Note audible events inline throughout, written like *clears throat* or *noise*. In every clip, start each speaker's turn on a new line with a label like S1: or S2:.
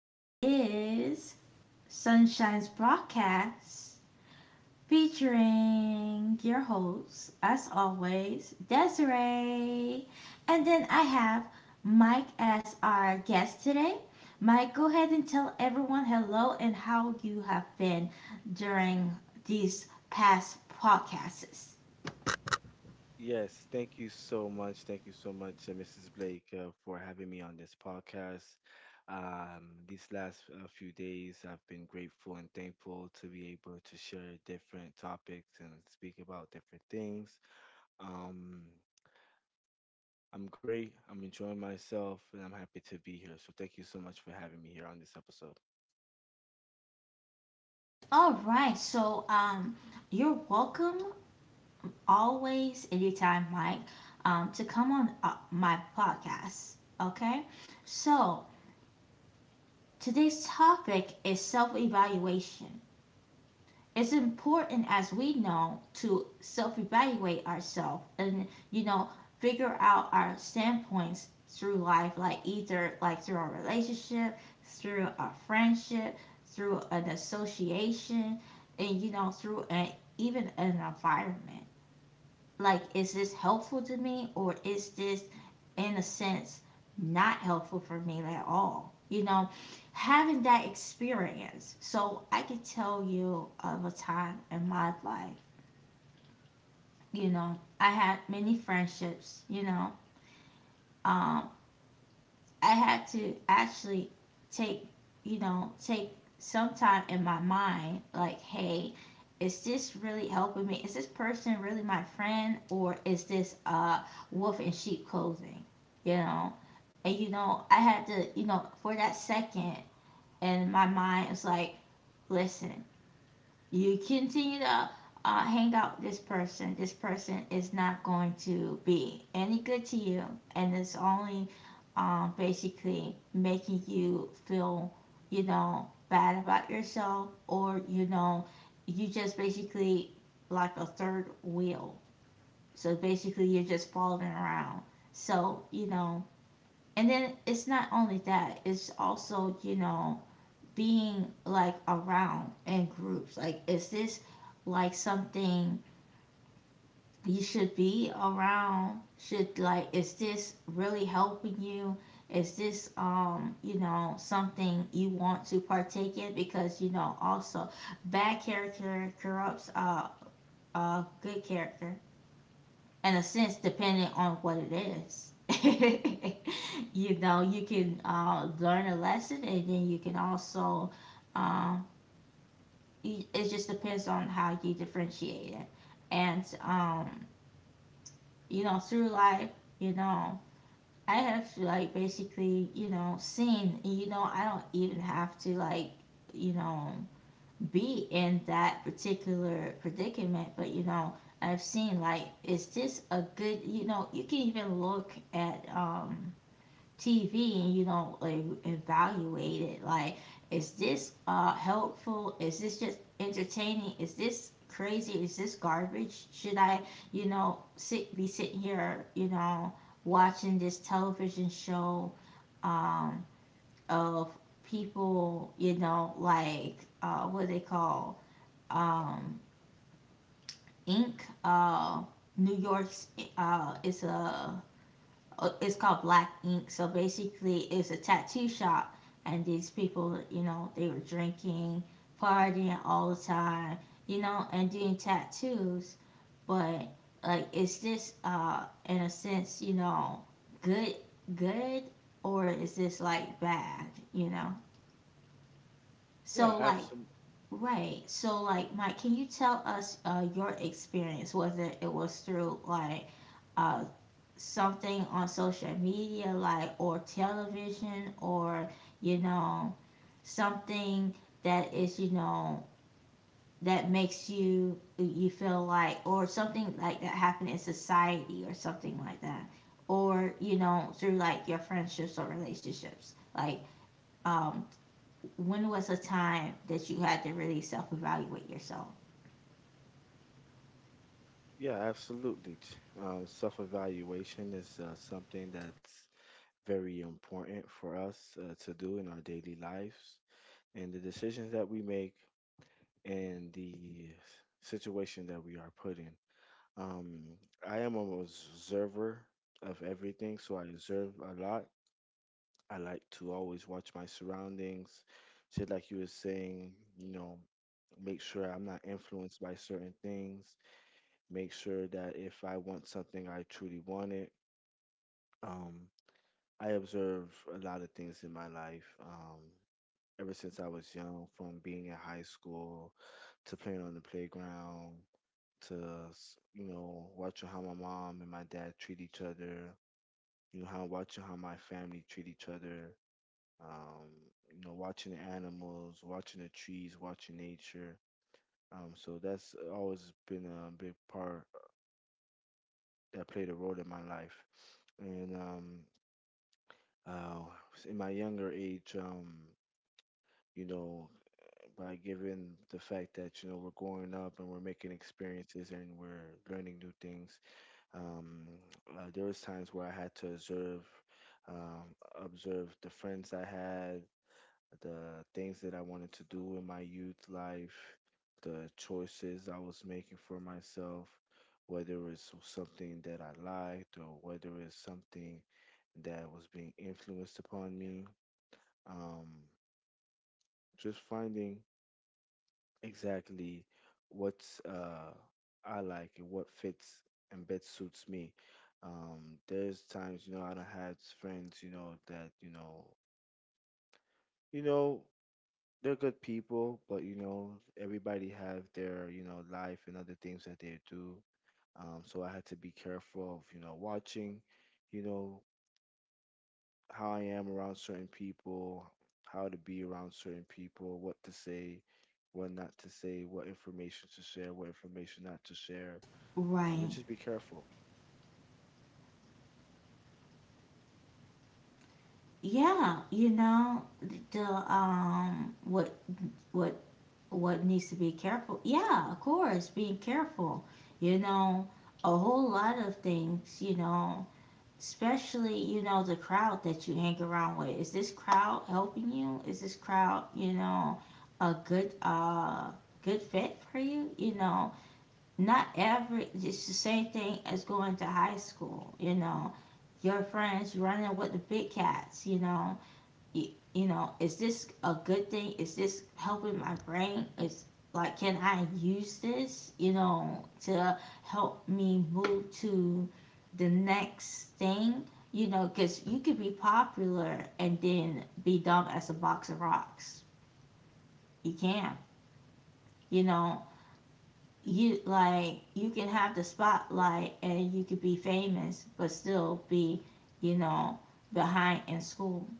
S1: this is Sunshine's broadcast featuring your host, as always, Desiree. And then I have Mike as our guest today. Mike, go ahead and tell everyone hello and how you have been during these past podcasts.
S2: Yes, thank you so much. Thank you so much, Mrs. Blake, for having me on this podcast. These last few days, I've been grateful and thankful to be able to share different topics and speak about different things. Um, I'm great. I'm enjoying myself, and I'm happy to be here. So thank you so much for having me here on this episode.
S1: All right, so you're welcome always anytime Mike to come on my podcast. Okay, so today's topic is self evaluation. It's important, as we know, to self evaluate ourselves and figure out our standpoints through life, like either like through our relationship, through a friendship, through an association, and through an even an environment. Like, is this helpful to me, or is this, in a sense, not helpful for me at all? Having that experience, so I could tell you of a time in my life. I had many friendships. Um, I had to actually take, take some time in my mind, like, hey, is this really helping me? Is this person really my friend, or is this wolf in sheep clothing? You know, and you know, I had to, you know, for that second in my mind, it's like, listen, you continue to hang out with this person is not going to be any good to you, and it's only basically making you feel, you know, bad about yourself, or you know, you just basically like a third wheel. So basically, you're just following around. So you know, and then it's not only that; it's also, you know, being like around in groups? Like, is this like something you should be around? Should, like, is this really helping you? Is this, you know, something you want to partake in? Because, you know, also bad character corrupts good character, in a sense, depending on what it is. *laughs* You know, you can learn a lesson, and then you can also um, you, it just depends on how you differentiate it. And you know, through life, you know, I have to like basically, you know, seen, you know, I don't even have to like, you know, be in that particular predicament, but you know, I've seen like, is this a good, you know, you can even look at TV and you don't like evaluate it. Like, is this helpful? Is this just entertaining? Is this crazy? Is this garbage? Should I, you know, sit be sitting here, you know, watching this television show um of people, you know, like what do they call um Inc. New York's uh it's a it's called Black Ink. So basically, it's a tattoo shop, and these people, you know, they were drinking, partying all the time, you know, and doing tattoos. But like, is this, in a sense, you know, good, good, or is this like bad, you know?
S2: Yeah,
S1: So like.
S2: absolutely.
S1: Right. So, like, Mike, can you tell us your experience, whether it was through like uh, something on social media, like, or television, or you know something that is you know that makes you feel like, or something like that happened in society or something like that, or you know through like your friendships or relationships, like um when was a time that you had to really self-evaluate yourself?
S2: Yeah, absolutely. Self-evaluation is something that's very important for us to do in our daily lives and the decisions that we make and the situation that we are put in. Um, I am an observer of everything, so I observe a lot. I like to always watch my surroundings, just like you were saying, you know, make sure I'm not influenced by certain things, make sure that if I want something, I truly want it. Um, I observe a lot of things in my life. Ever since I was young, from being in high school to playing on the playground to, you know, watching how my mom and my dad treat each other, you know, how watching how my family treat each other, um, you know, watching the animals, watching the trees, watching nature. So that's always been a big part that played a role in my life. And uh, in my younger age, you know, by given the fact that you know we're growing up and we're making experiences and we're learning new things. Um, there was times where I had to observe, um, observe the friends I had, the things that I wanted to do in my youth life, the choices I was making for myself, whether it's something that I liked or whether it's something that was being influenced upon me. Um, just finding exactly what uh I like and what fits and best suits me. There's times, you know, I done had friends, you know, that, you know, they're good people, but you know, everybody have their, you know, life and other things that they do. So I had to be careful of, you know, watching, you know, how I am around certain people, how to be around certain people, what to say, what not to say, what information to share, what information not to share. And
S1: Right,
S2: just be careful.
S1: yeah, you know, the what what needs to be careful. Yeah, of course, being careful. You know, a whole lot of things, you know, especially, you know, the crowd that you hang around with. Is this crowd helping you? Is this crowd, you know, a good good fit for you? You know, not every it's the same thing as going to high school, you know. Your friends running with the big cats, you know, you know, is this a good thing? Is this helping my brain? Is like, can I use this, you know, to help me move to the next thing? You know, because you could be popular and then be dumb as a box of rocks. You can, you know, you like, you can have the spotlight and you could be famous, but still be, you know, behind in school.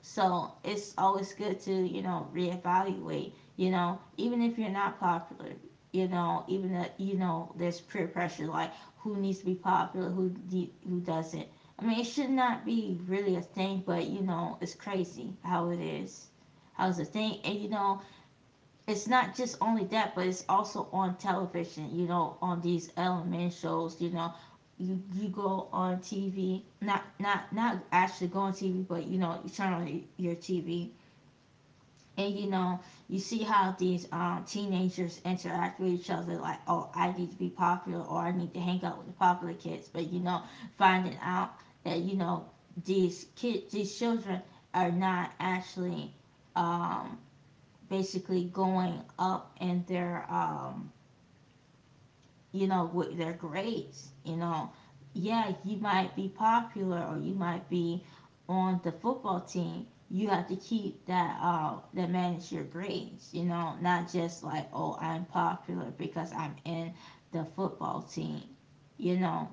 S1: So it's always good to, you know, reevaluate, you know, even if you're not popular, you know, even that, you know, there's peer pressure, like who needs to be popular, who who doesn't. I mean, it should not be really a thing, but, you know, it's crazy how it is. How's the thing? And, you know, it's not just only that, but it's also on television, you know, on these element shows, you know. You go on TV, not actually go on TV, but you know, you turn on your TV and you know, you see how these teenagers interact with each other, like, oh, I need to be popular, or I need to hang out with the popular kids. But you know, finding out that, you know, these kids, these children are not actually um, basically going up in their you know with their grades, you know, yeah, you might be popular, or you might be on the football team. You have to keep that manage your grades, you know, not just like, oh, I'm popular because I'm in the football team, you know.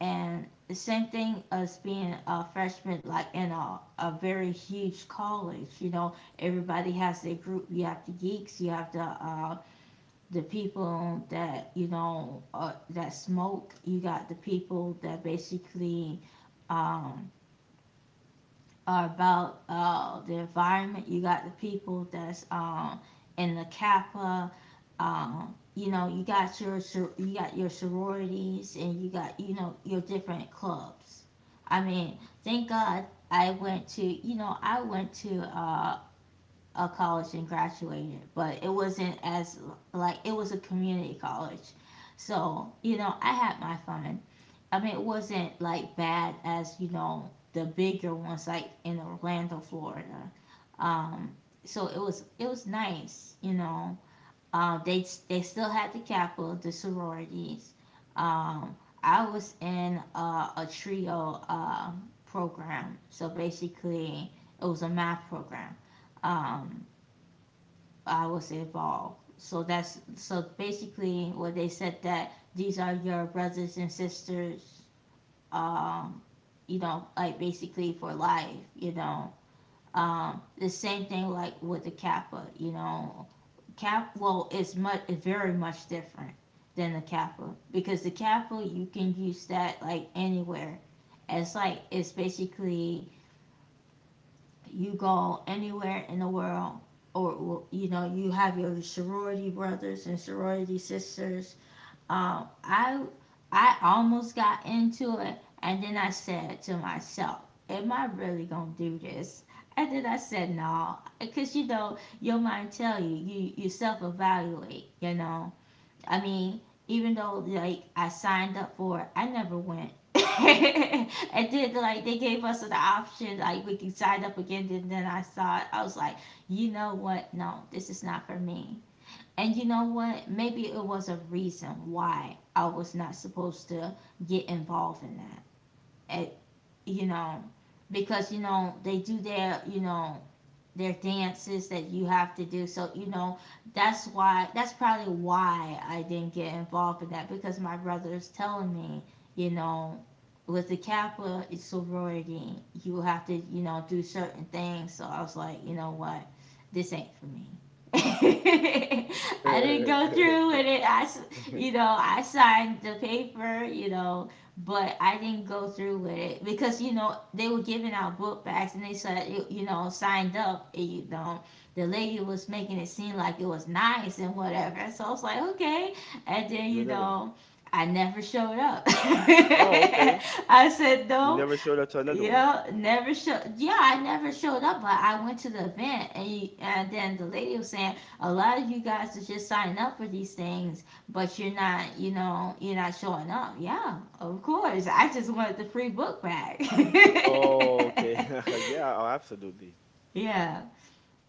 S1: And the same thing as being a freshman, like in a very huge college, you know everybody has their group. You have the geeks, you have the people that you know that smoke, you got the people that basically um, about the environment. You got the people that's in the Kappa. You know, you got your sororities and you got you know your different clubs. I mean, thank God I went to you know I went to a college and graduated, but it wasn't as like it was a community college. So you know I had my fun. I mean, it wasn't like bad as you know the bigger ones like in Orlando, Florida. Um, so it was nice, you know. They still had the capital, the sororities. Um, I was in a trio program, so basically it was a math program. Um, I was involved. So that's so basically what they said, that these are your brothers and sisters, um, you know, like basically for life, you know. The same thing like with the Kappa, you know. Kappa. Well, it's much it's very much different than the Kappa, because the Kappa you can use that like anywhere. It's like it's basically you go anywhere in the world or you know you have your sorority brothers and sorority sisters. Um I I almost got into it, and then I said to myself, am I really going to do this? And then I said no, because you know your mind tell you you self evaluate. You know, I mean, even though like I signed up for it, I never went. *laughs* And then like they gave us an option like we can sign up again. And then I saw it, I was like, you know what? No, this is not for me. And you know what? Maybe it was a reason why I was not supposed to get involved in that. At, you know, because you know they do their you know their dances that you have to do. So, you know, that's why, that's probably why I didn't get involved in that, because my brother's telling me, you know, with the Kappa it's sorority, you have to, you know, do certain things. So I was like, you know what? This ain't for me. *laughs* I didn't go
S2: *laughs*
S1: through with it. I,
S2: Do
S1: you know, I signed the paper, you know, but I didn't go through with it because you know they were giving out book bags and they said you know signed up and you know the lady was making it seem like it was nice and whatever, so I was like, okay. And then you
S2: another one.
S1: know I never showed up. *laughs*
S2: Oh, okay.
S1: I said
S2: You
S1: no.
S2: never showed up to another one.
S1: Yeah, never show. Yeah, I never showed up, but I went to the event, and you, and then the lady was saying a lot of you guys are just signing up for these things, but you're not, you know, you're not showing up. Yeah, of course. I just wanted the free book bag.
S2: Oh, okay.
S1: *laughs*
S2: *laughs* Yeah, oh, absolutely.
S1: Yeah,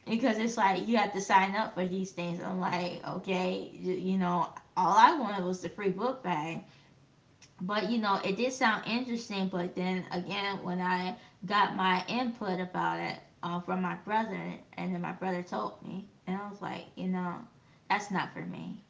S1: because it's like you have to sign up for these things. I'm like, okay, you know, all I wanted was the free book bag, but you know, it did sound interesting. But then again, when I got my input about it from my brother, and then my brother told me, and I was like, you know, that's not for me.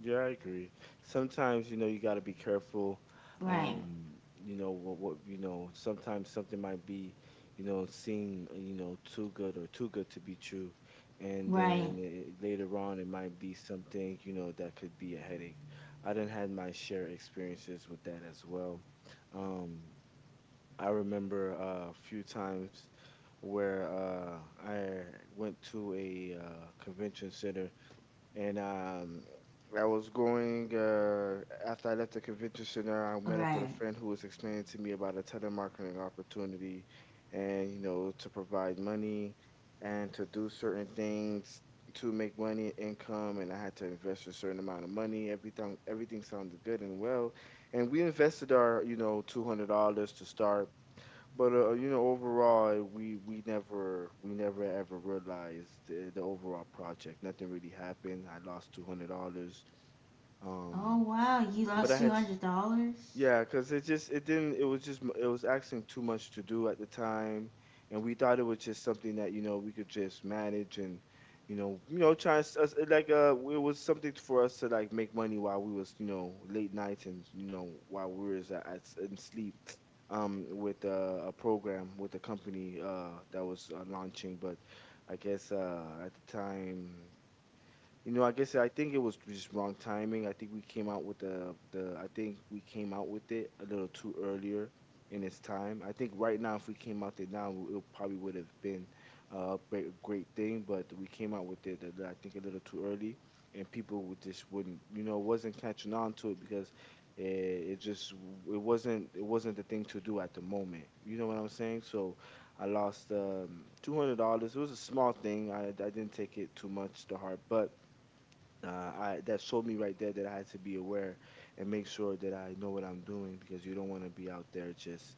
S2: Yeah, I agree. Sometimes, you know, you got to be careful.
S1: Right,
S2: You know what you know, sometimes something might be, you know, seem, you know, too good or too good to be true. And
S1: right,
S2: then it, later on it might be something, you know, that could be a headache. I done had my share experiences with that as well. Um, I remember a few times where I went to a convention center and I was going after I left the convention center. I met up with a
S1: right.
S2: friend who was explaining to me about a telemarketing opportunity, and you know to provide money and to do certain things to make money income, and I had to invest a certain amount of money. Everything everything sounded good and well, and we invested our you know $200 to start. But you know, overall, we never ever realized the overall project. Nothing really happened. I lost $200.
S1: Oh
S2: Um,
S1: wow, you
S2: but
S1: lost
S2: I
S1: two
S2: had,
S1: hundred dollars.
S2: yeah, because it just it didn't, it was just it was asking too much to do at the time, and we thought it was just something that you know we could just manage, and you know try us it like it was something for us to like make money while we was you know late nights, and you know while we was at in sleep with a program with a company that was launching, but I guess at the time. You know, I guess I think it was just wrong timing. I think we came out with the I think we came out with it a little too earlier in its time. I think right now if we came out there now it probably would have been a great thing, but we came out with it a I think a little too early, and people would just wouldn't you know wasn't catching on to it because it just it wasn't the thing to do at the moment. You know what I'm saying? So I lost $200. It was a small thing. I didn't take it too much to heart, but uh, I that showed me right there that I had to be aware and make sure that I know what I'm doing because you don't want to be out there just,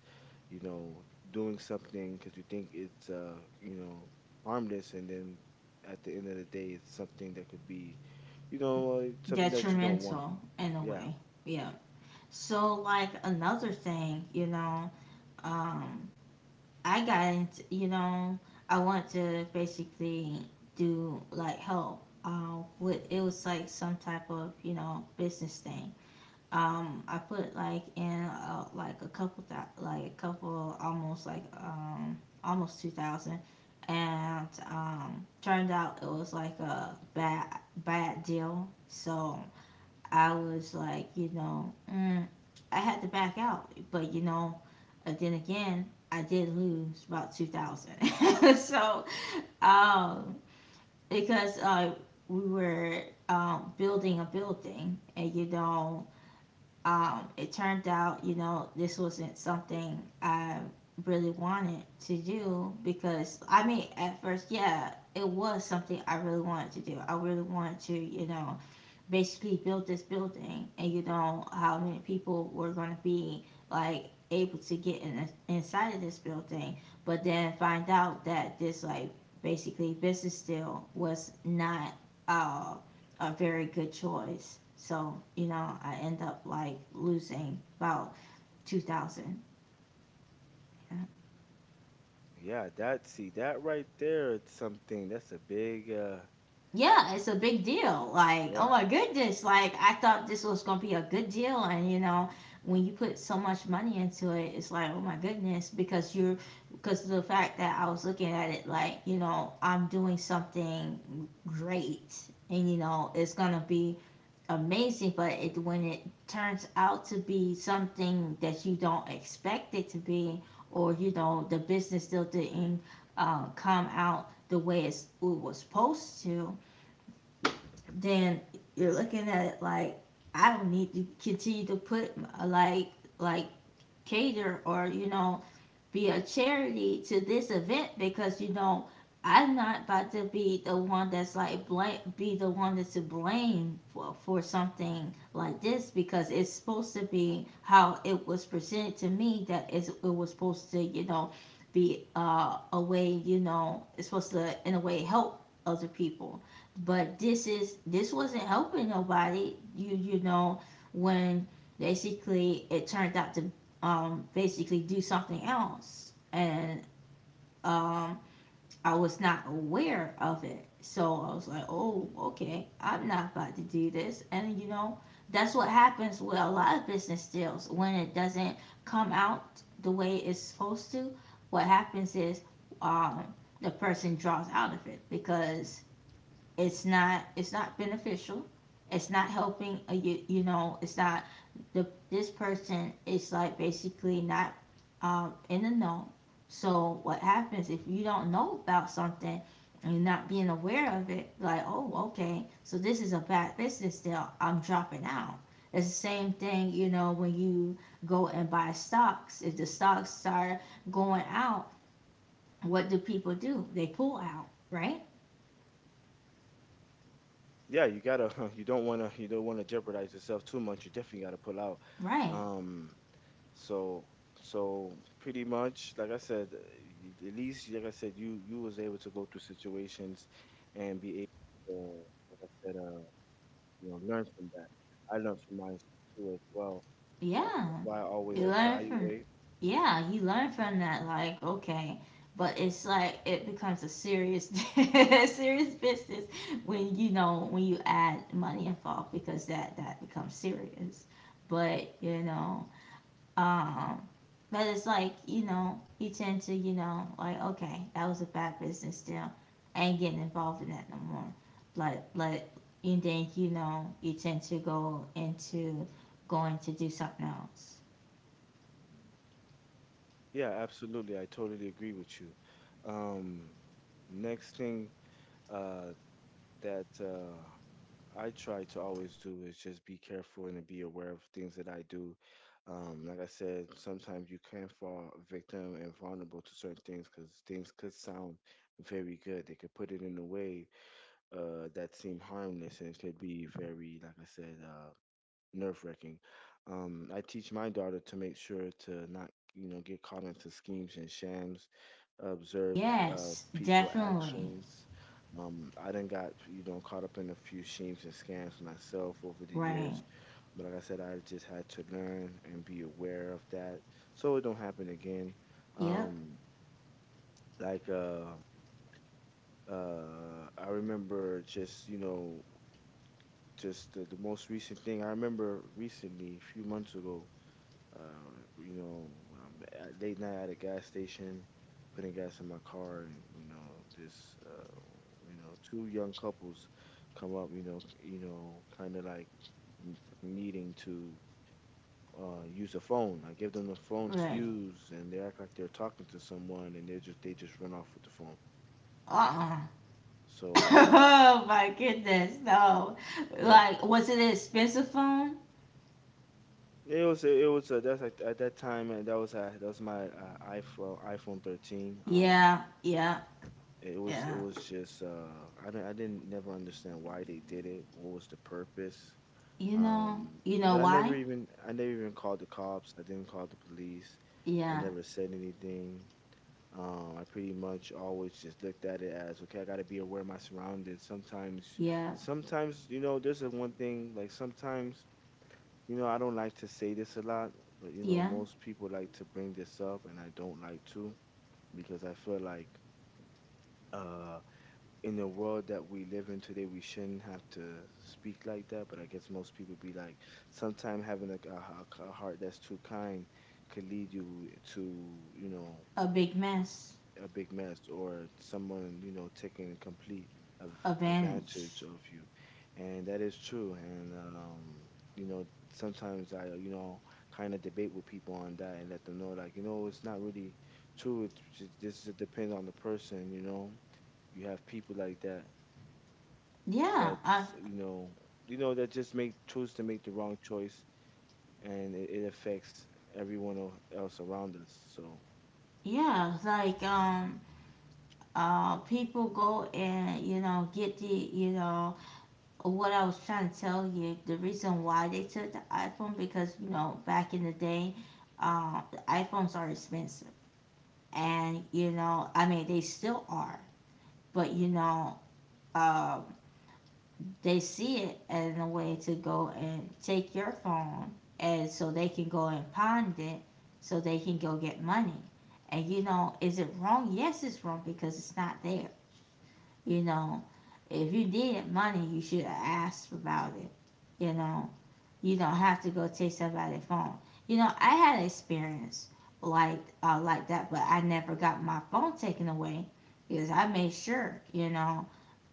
S2: you know, doing something because you think it's you know, harmless, and then at the end of the day it's something that could be, you know, something that you don't want.
S1: Detrimental in a
S2: Yeah.
S1: way. Yeah. So like another thing, um, I got into, I want to basically do like help. With it was like some type of business thing. I put like in like like a couple almost like almost 2,000, and turned out it was like a bad deal. So I was like, you know, I had to back out. But, you know, then again, I did lose about 2,000. *laughs* so, um, because we were building a building, and, you know, it turned out, you know, this wasn't something I really wanted to do because, I mean, at first, yeah, it was something I really wanted to do. I really wanted to, you know, basically built this building, and you know how many people were going to be like able to get in inside of this building, but then find out that this like basically business deal was not uh, a very good choice. So you know I end up like losing about 2,000. Yeah.
S2: Yeah, that see that right there it's something that's a big
S1: Yeah, it's a big deal. Like, oh
S2: yeah.
S1: my goodness, like I thought this was gonna be a good deal, and when you put so much money into it, it's like, oh my goodness, because the fact that I was looking at it like, you know, I'm doing something great, and you know, it's gonna be amazing, but it when it turns out to be something that you don't expect it to be, or you know, the business still didn't come out it was supposed to, then you're looking at it like I don't need to continue to put uh, like like cater, or you know, be a charity to this event, because you know I'm not about to be the one that's like blame be the one that's to blame for something like this, because it's supposed to be how it was presented to me, that is it was supposed to, you know, be a way, you know, it's supposed to in a way help other people, but this wasn't helping nobody. You know, when basically it turned out to basically do something else. And um, I was not aware of it. So I was like, oh, okay, I'm not about to do this. And you know, that's what happens with a lot of business deals when it doesn't come out the way it's supposed to. What happens is um, the person draws out of it because it's not beneficial, it's not helping. You you know, it's not the, this person is like basically not in the know. So what happens if you don't know about something and you're not being aware of it, like, oh, okay, so this is a bad business deal, I'm dropping out. It's the same thing, you know, when you go and buy stocks, if the stocks are going out, what do people do? They pull out, right?
S2: Yeah, you gotta *laughs* you don't wanna jeopardize yourself too much. You definitely gotta pull out.
S1: Right.
S2: Um So so pretty much, like I said, at least like I said, you was able to go through situations and be able to, like I said, you know, learn from that. I learned from mine too as well.
S1: Yeah.
S2: That's why I always
S1: You learn from,
S2: evaluate.
S1: yeah, you learn from that, like, okay. But it's like it becomes a serious *laughs* serious business when you know, when you add money involved, because that becomes serious. But you know, um, but it's like, you know, you tend to, you know, like, okay, that was a bad business deal. I ain't getting involved in that no more. But, and then, you know, you tend to go into going to do something else.
S2: Yeah, absolutely. I totally agree with you. Um, next thing, uh, that I try to always do is just be careful and be aware of things that I do. Like I said, sometimes you can fall victim and vulnerable to certain things because things could sound very good. They could put it in a way that seem harmless, and it could be very, like I said, nerve wracking. I teach my daughter to make sure to not, you know, get caught into schemes and shams, observe
S1: Yes,
S2: people
S1: definitely.
S2: actions. I done got you know caught up in a few schemes and scams myself over the
S1: Right.
S2: years, but like I said, I just had to learn and be aware of that so it don't happen again.
S1: Yep.
S2: Um, like I remember just you know just the most recent thing I remember recently a few months ago. Uh, you know, I'm at late night at a gas station, putting gas in my car, and you know, this, you know, two young couples come up, you know, kind of like needing to use a phone. I give them the phone to
S1: Right.
S2: use, and they act like they're talking to someone, and they just run off with the phone.
S1: Uh-uh. *laughs*
S2: So
S1: oh my goodness, no.
S2: yeah,
S1: Like, was it an expensive phone?
S2: it was that's like at that time, and that was my iPhone 13.
S1: Yeah, yeah,
S2: It
S1: yeah.
S2: was just I I didn't never understand why they did it. What was the purpose?
S1: You know
S2: But
S1: why?
S2: I never even called the cops. I didn't call the police. I
S1: Yeah,
S2: never said anything. I pretty much always just looked at it as okay. I gotta be aware of my surroundings.
S1: yeah.
S2: Sometimes you know, there's a one thing like sometimes you know I don't like to say this a lot, but you know
S1: Yeah,
S2: most people like to bring this up, and I don't like to because I feel like. Uh, in the world that we live in today, we shouldn't have to speak like that. But I guess most people be like, sometimes having like a heart that's too kind could lead you to, you know,
S1: a big mess,
S2: a big mess, or someone, you know, taking complete of
S1: a
S2: advantage
S1: vanish.
S2: of you. And that is true. And, you know, sometimes I, you know, kind of debate with people on that and let them know, like, you know, it's not really true. It's just, this just depends on the person, you know you have people like that
S1: Yeah, I,
S2: that's you know that just make choose to make the wrong choice, and it affects everyone else around us. So
S1: yeah, like people go and you know get the you know what I was trying to tell you, the reason why they took the iPhone, because you know back in the day, the iPhones are expensive, and you know I mean they still are, but you know uh they see it as a way to go and take your phone, and so they can go and pawn it, so they can go get money. And you know, is it wrong? Yes, it's wrong because it's not there. You know, if you needed money, you should have asked about it. You know, you don't have to go take somebody's phone. You know, I had an experience like that, but I never got my phone taken away because I made sure, you know,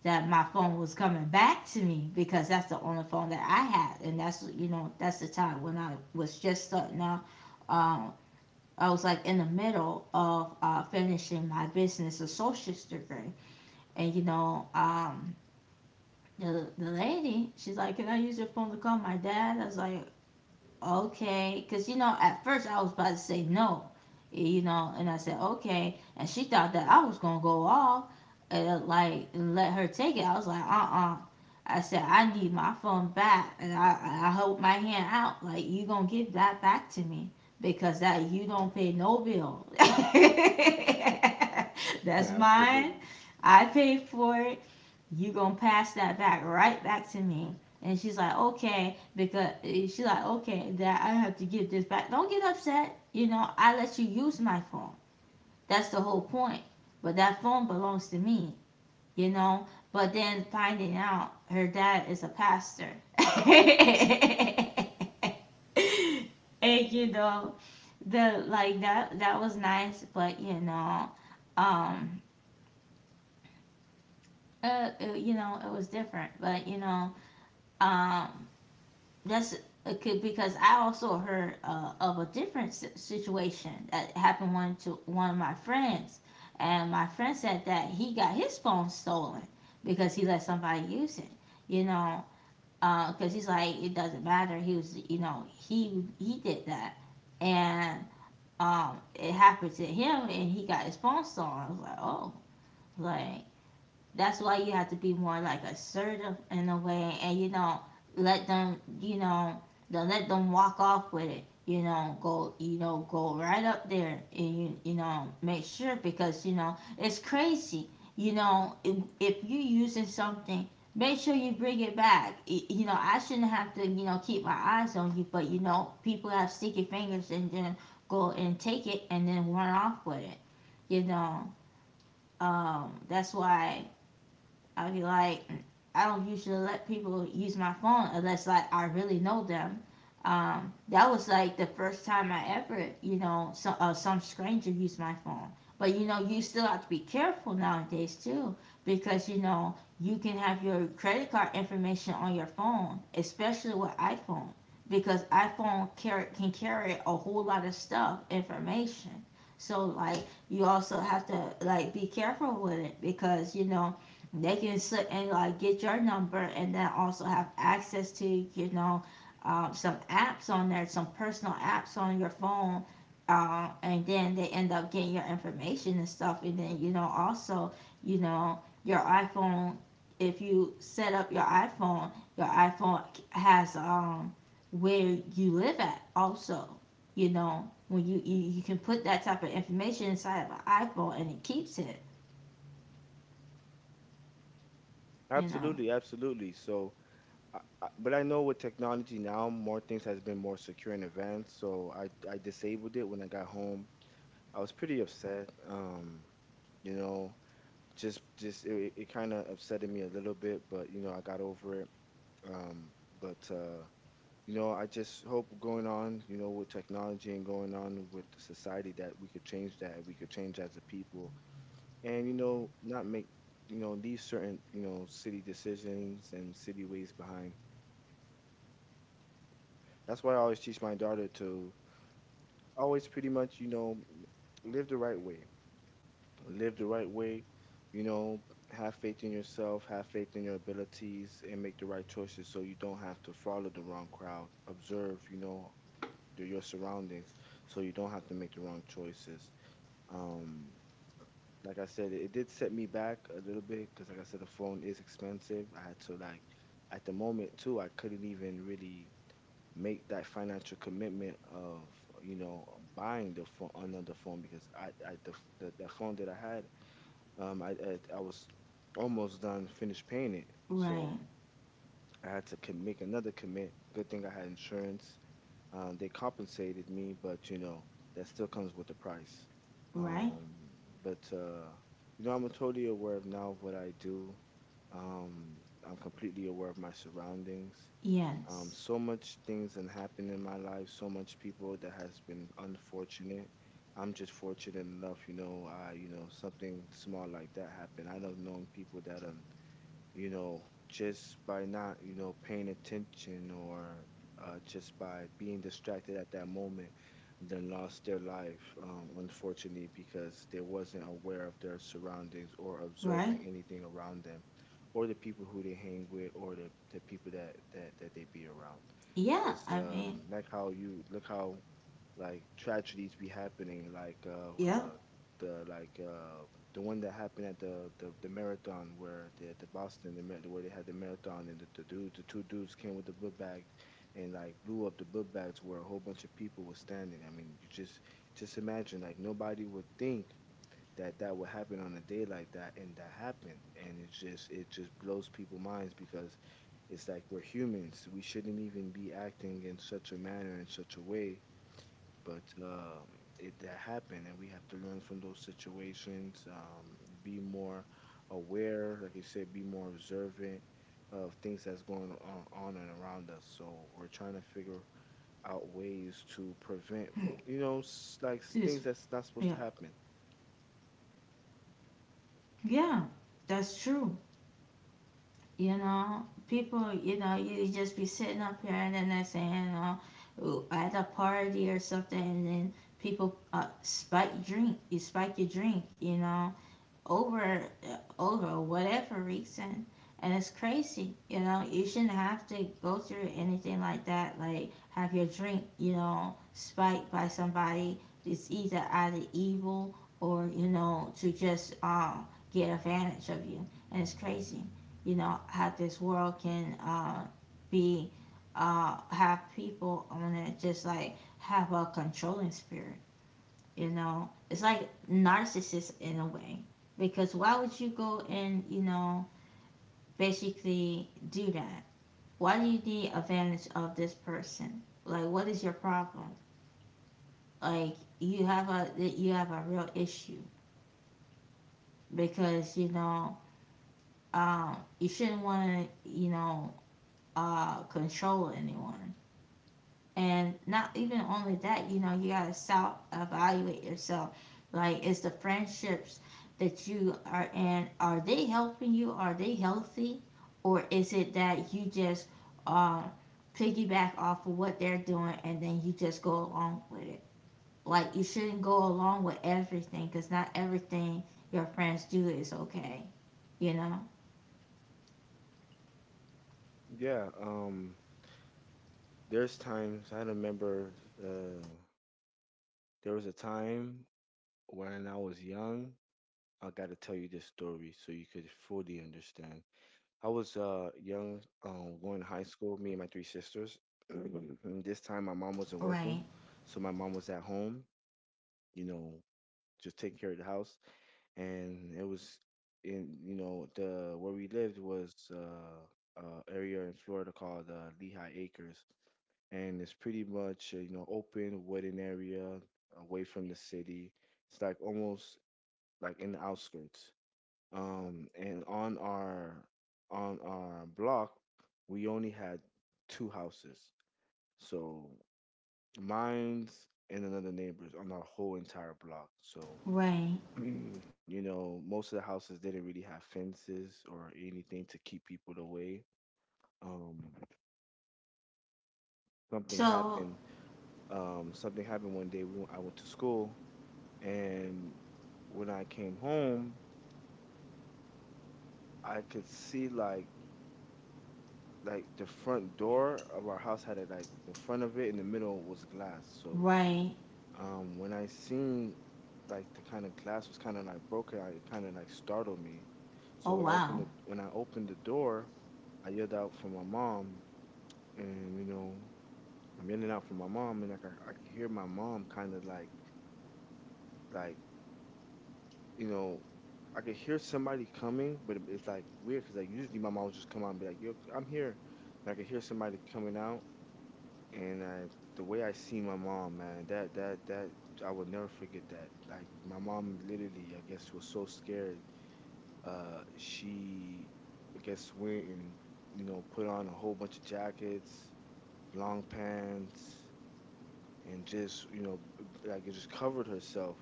S1: that my phone was coming back to me, because that's the only phone that I had, and that's you know that's the time when I was just starting out. Um, I was like in the middle of finishing my business associate's degree, and you know, the lady, she's like, "Can I use your phone to call my dad?" I was like, okay, because you know at first I was about to say no. You know, and I said okay, and she thought that I was gonna go off and let her take it. I was like, uh-uh, I said I need my phone back, and I hold my hand out like, you gonna give that back to me, because that you don't pay no bill. *laughs*
S2: *laughs*
S1: that's
S2: absolutely,
S1: mine. I paid for it. You gonna pass that back right back to me. And she's like, okay, because she's like, okay, that I have to give this back. Don't get upset. You know, I let you use my phone. That's the whole point. But that phone belongs to me, you know? But then finding out her dad is a pastor. *laughs* and you know, the like that, that was nice, but um you know, it was different. But you know, um that's, it could, because I also heard of a different situation that happened one to one of my friends, and my friend said that he got his phone stolen because he let somebody use it. You know, because he's like it doesn't matter. He was you know he did that, and it happened to him, and he got his phone stolen. I was like, oh, like, that's why you have to be more like assertive in a way, and you know, let them, you know, don't let them walk off with it. You know, go right up there, and you know, make sure, because you know it's crazy. You know, if you're using something, make sure you bring it back. You know, I shouldn't have to, you know, keep my eyes on you, but you know, people have sticky fingers and then go and take it and then run off with it. You know, that's why I would be like, I don't usually let people use my phone unless like I really know them. That was like the first time I ever, you know, some stranger used my phone. But you know, you still have to be careful nowadays too, because you know you can have your credit card information on your phone, especially with iPhone, because iPhone can carry a whole lot of stuff, information. So like you also have to like be careful with it, because you know they can sit and like get your number and then also have access to you know some apps on there, some personal apps on your phone, and then they end up getting your information and stuff, and then you know also you know your iPhone, if you set up your iPhone, your iPhone has where you live at also. You know, when you, you can put that type of information inside of an iPhone and it keeps it, you know.
S2: absolutely, absolutely. So I, but I know with technology now more things has been more secure and advanced, so I disabled it when I got home. I was pretty upset. You know just it, it kind of upsetted me a little bit, but you know I got over it. um but you know, I just hope going on, you know, with technology and going on with the society that we could change that. We could change as a people and, not make, leave certain, city decisions and city ways behind. That's why I always teach my daughter to always pretty much, live the right way. Live the right way, you know, have faith in yourself, have faith in your abilities, and make the right choices so you don't have to follow the wrong crowd. Observe, to your surroundings so you don't have to make the wrong choices. Um, like I said, it did set me back a little bit because, like I said, the phone is expensive. I had to, like, at the moment, too, I couldn't even really make that financial commitment of, you know, buying the phone, another phone because I the, the phone that I had, I was almost done, finished paying it. So
S1: Right.
S2: I had to make another commit. Good thing I had insurance, they compensated me, but you know that still comes with the price.
S1: Right.
S2: Um, but You know, I'm totally aware of now of what I do. Um, I'm completely aware of my surroundings.
S1: Yes.
S2: So much things that happened in my life. So much people that has been unfortunate. I'm just fortunate enough, you know. You know, something small like that happened. I know known people that are, you know, just by not, paying attention or just by being distracted at that moment, then lost their life, unfortunately, because they wasn't aware of their surroundings or
S1: Right?
S2: observing anything around them, or the people who they hang with, or the people that they be around.
S1: Yeah,
S2: Because
S1: I mean,
S2: like how you look how like tragedies be happening,
S1: yeah.
S2: uh like the one that happened at the marathon where the Boston where they had the marathon and the two dudes came with the book bag and like blew up the book bags where a whole bunch of people were standing. I mean, you just imagine like nobody would think that that would happen on a day like that, and that happened. And it just blows people minds because it's like we're humans, we shouldn't even be acting in such a manner in such a way. But It that happened, and we have to learn from those situations. Be more aware, like you said, be more observant of things that's going on and around us. So we're trying to figure out ways to prevent,
S1: *clears throat* Excuse
S2: things that's not supposed
S1: me.
S2: to
S1: Yeah.
S2: happen.
S1: Yeah, that's true. You know, people, you know, you just be sitting up here and then they're saying, you know, "Ooh, at a party or something, and then people spike drink, you spike your drink, you know, over over whatever reason, and it's crazy. You know, you shouldn't have to go through anything like that, like have your drink you know spiked by somebody. It's either out of evil or you know to just get advantage of you, and it's crazy, you know how this world can be have people on it just like have a controlling spirit. You know, it's like narcissist in a way, because why would you go and you know basically do that? Why do you need advantage of this person? Like, what is your problem? Like, you have a real issue because you shouldn't want to control anyone. And not even only that, you know, you got to self evaluate yourself. Like, is the friendships that you are in, are they helping you? Are they healthy? Or is it that you just uh, piggyback off of what they're doing and then you just go along with it? Like, you shouldn't go along with everything because not everything your friends do is okay, you know?
S2: Yeah, there's times I remember, uh, there was a time when I was young. I got to tell you this story so you could fully understand. I was young, going to high school. Me and my three sisters. *clears throat* And this time, my mom wasn't working,
S1: Right,
S2: so my mom was at home. You know, just taking care of the house. And it was in, you know, the where we lived was area in Florida called Lehigh Acres, and it's pretty much, you know, open wooded area away from the city. It's like almost like in the outskirts. And on our block we only had two houses, so mine's and another neighbor's on our whole entire block. So
S1: right.
S2: *clears throat* you know most of the houses didn't really have fences or anything to keep people away. um something
S1: So,
S2: happened Something happened one day. I went to school, and when I came home I could see like the front door of our house had it, like the front of it in the middle was glass. So
S1: right.
S2: when I seen like the kind of glass was kind of like broken, I, it kind of like startled me.
S1: Oh,
S2: So when I opened
S1: wow.
S2: the door, I yelled out for my mom, and you know I'm yelling out for my mom, and like I could hear my mom kind of like you know. I could hear somebody coming, but it's like weird because like usually my mom would just come out and be like, "Yo, I'm here," but I could hear somebody coming out, and I, the way I see my mom, man, that I will never forget that. Like my mom, literally, I guess, was so scared. She, I guess, went and you know put on a whole bunch of jackets, long pants, and just you know like it just covered herself.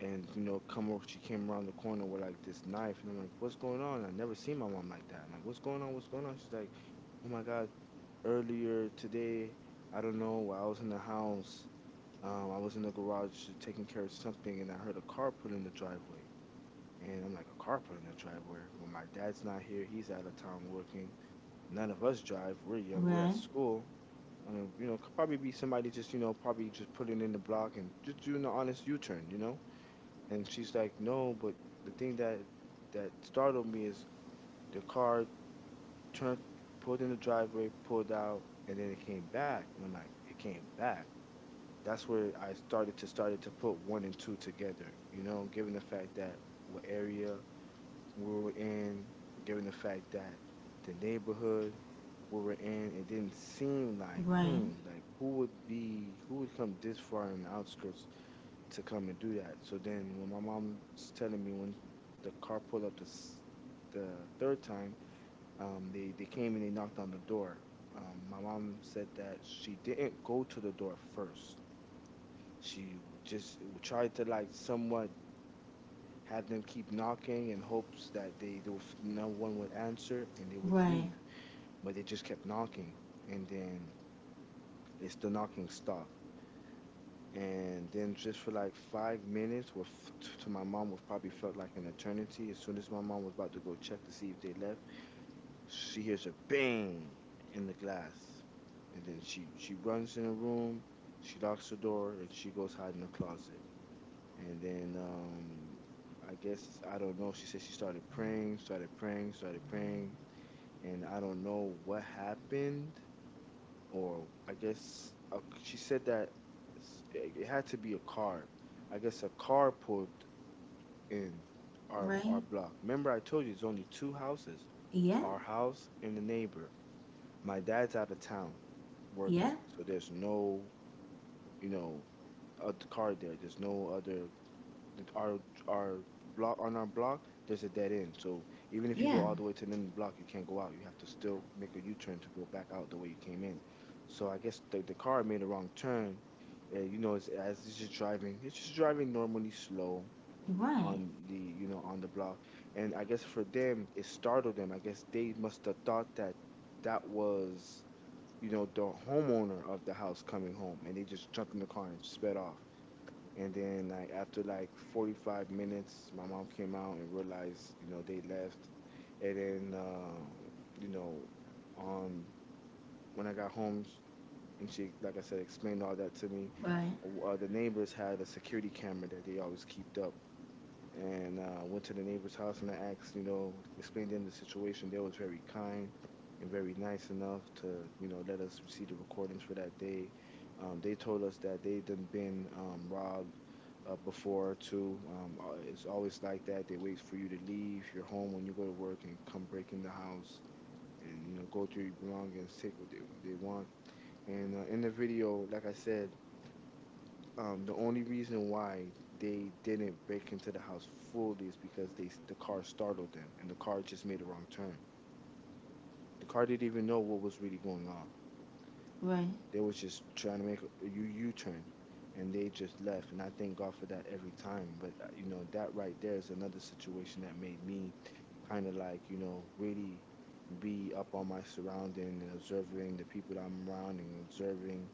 S2: And you know come over, she came around the corner with like this knife, and I'm like, what's going on? I never seen my mom like that. I'm like, what's going on? What's going on? She's like, oh my god, earlier today, I don't know, I was in the house. I was in the garage taking care of something and I heard a car put in the driveway. And I'm like, a car put in the driveway when my dad's not here? He's out of town working. None of us drive. We're young, we're at
S1: Right,
S2: school. I mean, you know, could probably be somebody just, you know, probably just putting in the block and just doing an honest U-turn, you know? And she's like, no, but the thing that that startled me is the car turned, pulled in the driveway, pulled out, and then it came back. And I'm like, it came back. That's where I started to started to put one and two together. You know, given the fact that what area we were in, given the fact that the neighborhood we were in, it didn't seem like,
S1: right,
S2: hmm, like who would come this far in the outskirts to come and do that. So then when my mom's telling me when the car pulled up the third time, they came and they knocked on the door. My mom said that she didn't go to the door first. She tried to like somewhat have them keep knocking in hopes that they would, no one would answer and they would
S1: right.
S2: leave, but they just kept knocking. And then it's the knocking stopped. And then just for like 5 minutes with, to my mom was probably felt like an eternity. As soon as my mom was about to go check to see if they left, she hears a bang in the glass. And then she runs in the room, she locks the door and she goes hide in the closet. And then I guess, I don't know, she said she started praying, started praying, started praying. And I don't know what happened. Or I guess a, she said that it it had to be a car. I guess a car pulled in
S1: Right.
S2: our block. Remember, I told you it's only two houses:
S1: Yeah.
S2: our house and the neighbor. My dad's out of town
S1: Yeah.
S2: working, so there's no, you know, a car there. There's no other the, our block. On our block there's a dead end, so even if you
S1: Yeah.
S2: go all the way to the end of the block you can't go out, you have to still make a U-turn to go back out the way you came in. So I guess the car made a wrong turn. You know, it's, as it's just driving, it's just driving normally slow
S1: Right.
S2: on the, you know, on the block. And I guess for them it startled them, I guess they must have thought that that was, you know, the homeowner of the house coming home, and they just jumped in the car and sped off. And then like after like 45 minutes, my mom came out and realized, you know, they left. And then, you know, on when I got home, and she, like I said, explained all that to me.
S1: Right.
S2: The neighbors had a security camera that they always kept up, and, went to the neighbor's house and I asked, you know, explained to them the situation. They was very kind and very nice enough to, you know, let us receive the recordings for that day. They told us that they done been, robbed, before too. It's always like that. They wait for you to leave your home when you go to work and come break in the house and you know go through your belongings, take what they want. And, in the video, like I said, the only reason why they didn't break into the house fully is because the car startled them and the car just made a wrong turn. The car didn't even know what was really going on.
S1: Right.
S2: They was just trying to make a U turn, and they just left. And I thank God for that every time. But that right there is another situation that made me kind of really be up on my surrounding and observing the people that I'm around and observing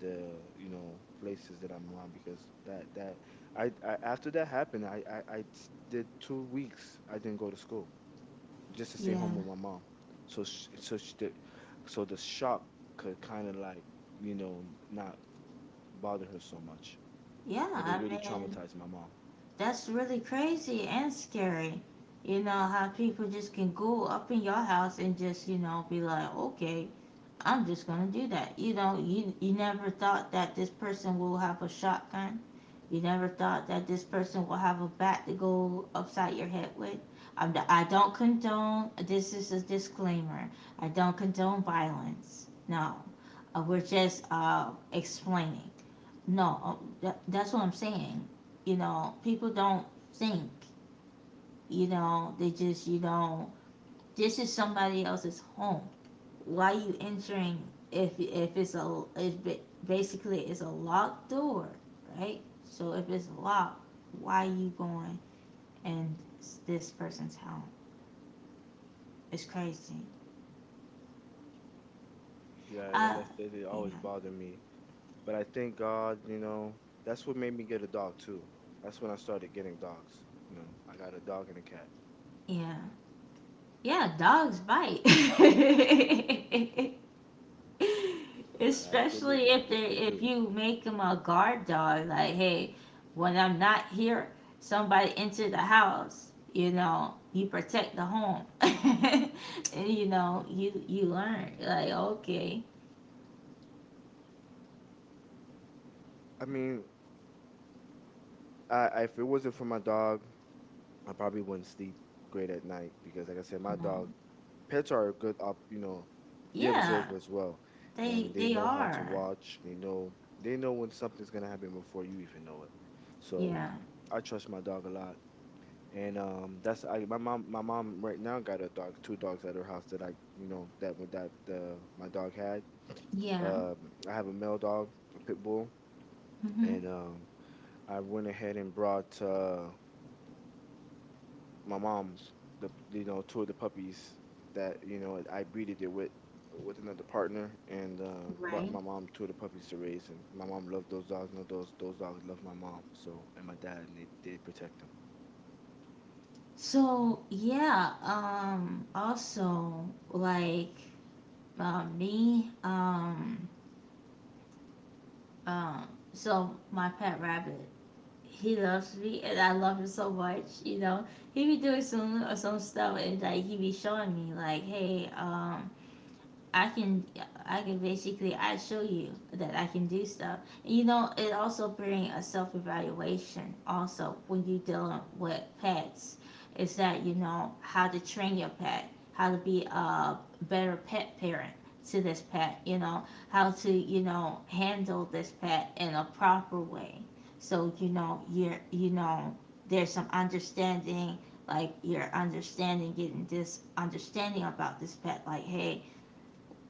S2: the places that I'm around because that I after that happened did 2 weeks I didn't go to school just to stay
S1: Yeah.
S2: home with my mom so sh- so sh- the, so the shock could kind of not bother her so much
S1: Yeah.
S2: but it
S1: I
S2: really
S1: mean,
S2: traumatized my mom.
S1: that's really crazy and scary. You know, how people just can go up in your house and just, you know, be like, okay, I'm just going to do that. You know, you never thought that this person will have a shotgun. You never thought that this person will have a bat to go upside your head with. I don't condone. This is a disclaimer. I don't condone violence. No, we're just explaining. No, that's what I'm saying. You know, people don't think. You know, they just you know this is somebody else's home, why you entering? If it's a it's basically it's a locked door, right? So if it's locked, why are you going in this person's home? It's crazy.
S2: Yeah, like
S1: Uh,
S2: I said, it
S1: yeah,
S2: always bothered me, but I thank God, that's what made me get a dog too. That's when I started getting dogs. You know, I got a dog and a cat.
S1: yeah, yeah. Dogs bite. *laughs* Especially
S2: Absolutely,
S1: if
S2: yes
S1: they
S2: they do.
S1: if you make them a guard dog, like hey, when I'm not here, somebody enter the house. You know, you protect the home, *laughs* and you know you learn like okay,
S2: I mean, if it wasn't for my dog, I probably wouldn't sleep great at night because, like I said, my dog,
S1: um,
S2: pets are a good up. You know, they
S1: yeah,
S2: observe as well, and they
S1: they
S2: know how to
S1: are,
S2: watch. They know when something's gonna happen before you even know it. So
S1: yeah,
S2: I trust my dog a lot, and that's I my mom right now got a dog, two dogs at her house that I you know that with that the my dog had.
S1: yeah,
S2: I have a male dog, a pit bull,
S1: hmm,
S2: and I went ahead and brought my mom's the two of the puppies that I breeded it with another partner, and brought
S1: right.
S2: my mom two of the puppies to raise, and my mom loved those dogs. No, those dogs love my mom, so and my dad, and they protect them.
S1: So yeah, also like uh, me, um, um, so my pet rabbit, he loves me and I love him so much, you know. He be doing some or some stuff and like he be showing me like, hey, I can I can basically I show you that I can do stuff. You know, it also bring a self evaluation also when you dealing with pets. Is that you know how to train your pet, how to be a better pet parent to this pet, you know, how to, you know, handle this pet in a proper way. So, you know, there's some understanding like you're understanding getting this understanding about this pet like hey,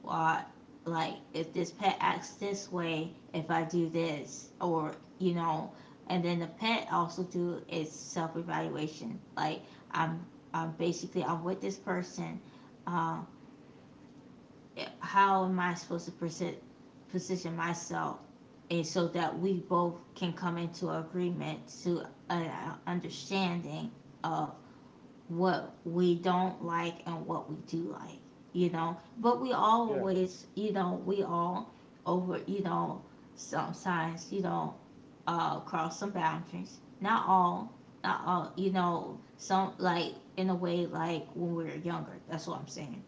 S1: or like if this pet acts this way, if I do this, or you know, and then the pet also do its self evaluation. Like I'm, I'm basically I'm with this person. Uh, how am I supposed to position myself, and so that we both can come into agreement to an understanding of what we don't like and what we do like, you know. But we
S2: Yeah,
S1: always, you know, we all over, you know, sometimes, you know, cross some boundaries. Not all, not all, you know, some like in a way like when we were younger. That's what I'm saying.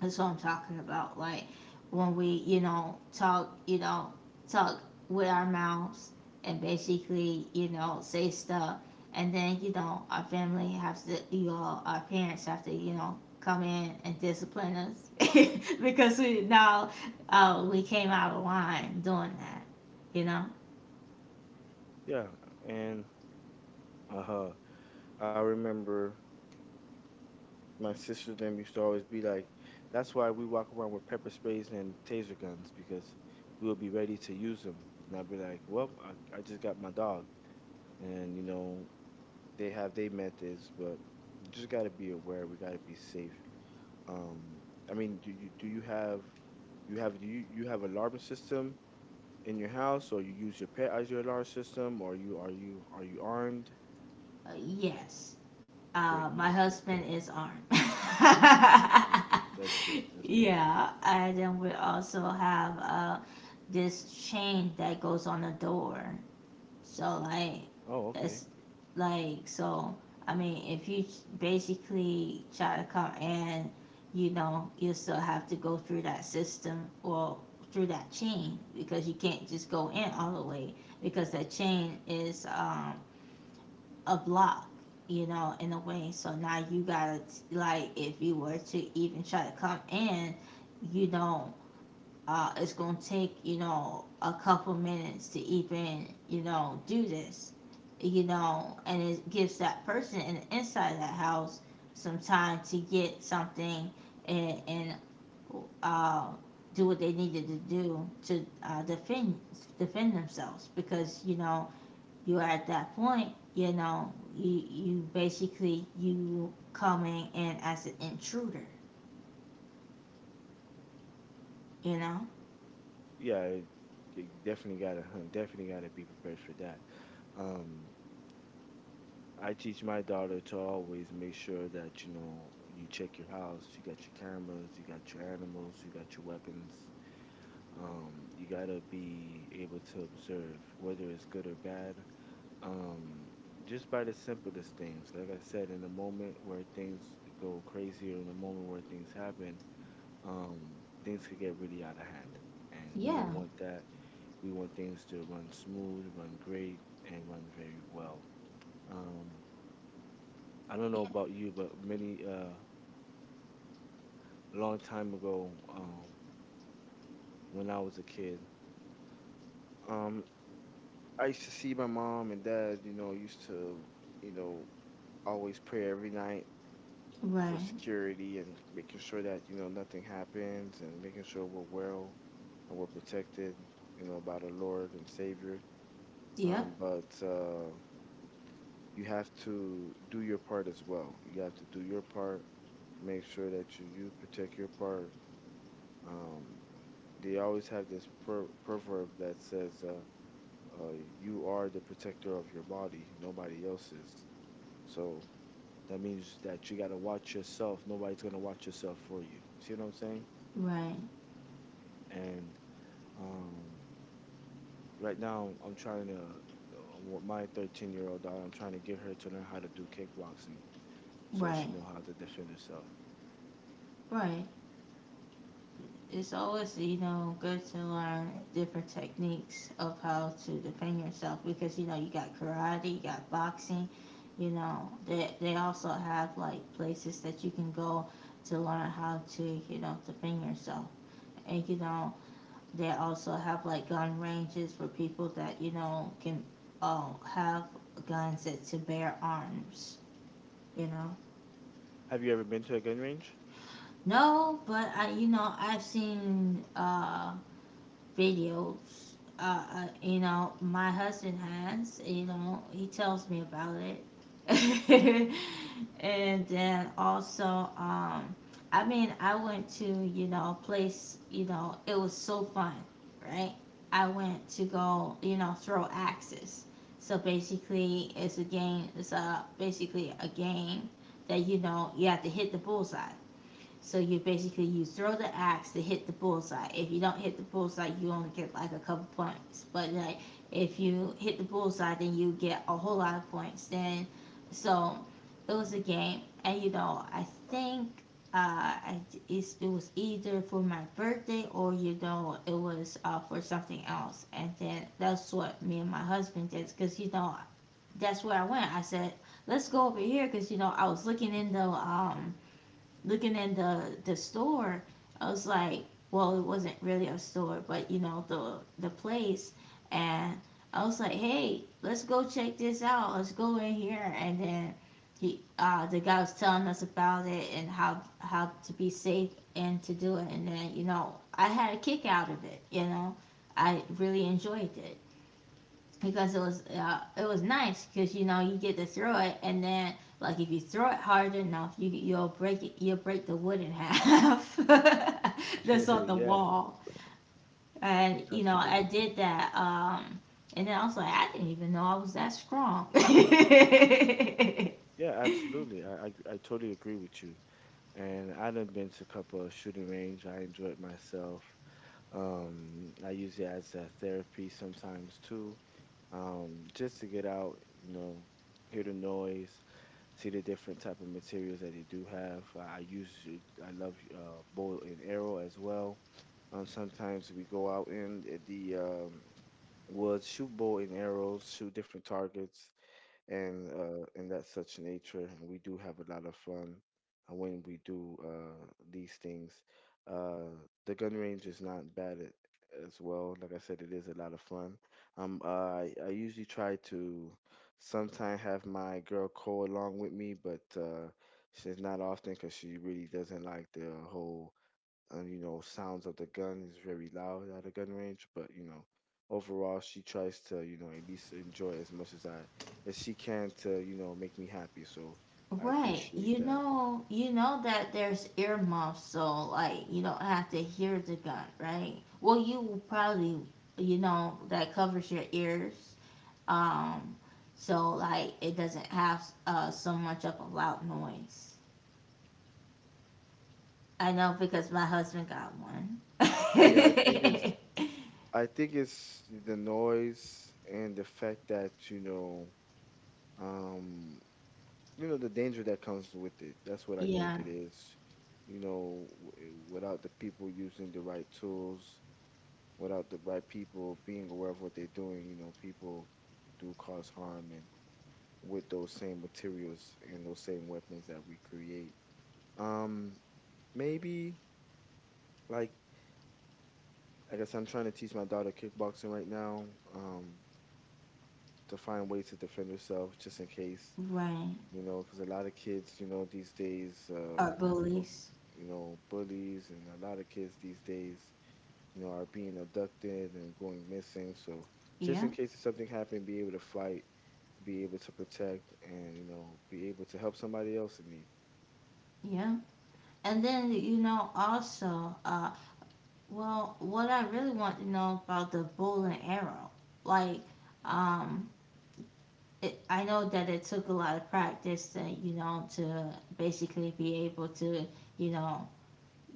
S1: That's what I'm talking about. Like when we, you know, talk with our mouths and basically, you know, say stuff, and then you know, our family has to, you know, our parents have to, you know, come in and discipline us *laughs* because we now we came out of line doing that. You know,
S2: yeah, and uh huh. I remember my sisters them used to always be like, that's why we walk around with pepper sprays and taser guns because we'll be ready to use them. And I'd be like, well, I just got my dog, and you know they have they methods, but you just got to be aware. We got to be safe. Um, I mean, do you have do you you have alarm system in your house, or you use your pet as your alarm system, or you are you are you armed?
S1: yes.
S2: Great,
S1: My
S2: that's good.
S1: husband is armed. *laughs*
S2: That's great. That's good. That's good.
S1: Yeah, and then we also have this chain that goes on the door. So like
S2: Oh, okay.
S1: that's like so I mean if you basically try to come in, you know, you still have to go through that system or through that chain because you can't just go in all the way because that chain is a block you know in a way, so now you gotta like if you were to even try to come in, you know, it's going to take, you know, a couple minutes to even, you know, do this, you know, and it gives that person in the inside of that house some time to get something, and uh, do what they needed to do to defend defend themselves because you know you're at that point, you know, you basically you coming in as an intruder, you know.
S2: Yeah, you definitely gotta *laughs* definitely gotta be prepared for that. Um, I teach my daughter to always make sure that you know you check your house, you got your cameras, you got your animals, you got your weapons. You gotta be able to observe whether it's good or bad. Um, just by the simplest things, like I said, in the moment where things go crazy or in the moment where things happen, um, things could get really out of hand, and we
S1: Yeah,
S2: don't want that. We want things to run smooth, run great, and run very well. Um, I don't know
S1: yeah,
S2: about you, but many long time ago, when I was a kid, um, I used to see my mom and dad. You know, used to, you know, always pray every night for
S1: right,
S2: security and making sure that you know nothing happens and making sure we're well and we're protected, you know, by the Lord and Savior.
S1: yep.
S2: But you have to do your part as well. You have to do your part. Make sure that you protect your part. Um, they always have this proverb that says, uh, "You are the protector of your body; nobody else is." So that means that you gotta watch yourself. Nobody's gonna watch yourself for you. You see what I'm saying?
S1: Right,
S2: And um, right now, I'm trying to with my 13-year-old year old daughter. I'm trying to get her to learn how to do kickboxing so she
S1: right,
S2: know how to defend herself.
S1: right. It's always, you know, good to learn different techniques of how to defend yourself because, you know, you got karate, you got boxing, you know, they also have like places that you can go to learn how to, you know, defend yourself. And, you know, they also have like gun ranges for people that, you know, can uh, have guns that to bear arms, you know.
S2: Have you ever been to a gun range?
S1: No, but I, you know, I've seen videos. You know, my husband has. You know, he tells me about it. *laughs* And then also, um, I mean, I went to you know a place. You know, it was so fun, right? I went to go you know throw axes. So basically, it's a game. It's a basically a game that you know you have to hit the bullseye. So you basically you throw the axe to hit the bullseye. If you don't hit the bullseye, you only get like a couple points. But like if you hit the bullseye, then you get a whole lot of points. Then so it was a game, and you know I think uh I, it's, it was either for my birthday or you know it was for something else. And then that's what me and my husband did because you know that's where I went. I said let's go over here because you know I was looking in the store, I was like, well, it wasn't really a store, but you know the place, and I was like, hey, let's go check this out. Let's go in here, and then he the guy was telling us about it and how to be safe and to do it, and then you know I had a kick out of it. You know, I really enjoyed it because it was nice because you know you get to throw it and then like if you throw it hard enough you'll break it, you'll break the wood in half *laughs* that's
S2: *laughs*
S1: on the
S2: Yeah,
S1: wall, and you know I
S2: absolutely.
S1: did that and then I was like I didn't even know I was that strong. *laughs*
S2: Yeah, absolutely. I totally agree with you. And I done been to a couple of shooting range. I enjoyed myself. I use it as a therapy sometimes too, just to get out, you know, hear the noise, see the different type of materials that they do have. I usually I love bow and arrow as well. Sometimes we go out in the woods, shoot bow and arrows, shoot different targets, and that such nature. And we do have a lot of fun when we do these things. Uh, the gun range is not bad at, as well. Like I said, it is a lot of fun. I usually try to sometime have my girl Cole along with me, but she's not often because she really doesn't like the whole, and you know sounds of the gun is very loud at a gun range, but you know overall she tries to you know at least enjoy as much as I as she can to you know make me happy, so I
S1: Right,
S2: appreciate
S1: you
S2: that.
S1: know, you know that there's earmuffs, so like you don't have to hear the gun, right? Well, you probably you know that covers your ears. Um, so like it doesn't have so much of a loud noise. I know because my husband got one.
S2: yeah i think it's
S1: *laughs*
S2: i think it's the noise and the fact that um you know the danger that comes with it, that's what I think
S1: Yeah,
S2: it is. You know, without the people using the right tools, without the right people being aware of what they're doing, you know, people do cause harm and with those same materials and those same weapons that we create. Um, maybe like I guess I'm trying to teach my daughter kickboxing right now. Um, to find ways to defend herself just in case,
S1: right.
S2: you know, because a lot of kids, you know, these days,
S1: Or bullies.
S2: you know, bullies and a lot of kids these days, you know, are being abducted and going missing. So just
S1: Yeah,
S2: in case if something happened, be able to fight, be able to protect, and you know be able to help somebody else in need.
S1: yeah. And then you know also, well, what I really want to know about the bow and arrow, like, um, it, I know that it took a lot of practice, to, you know, to basically be able to, you know,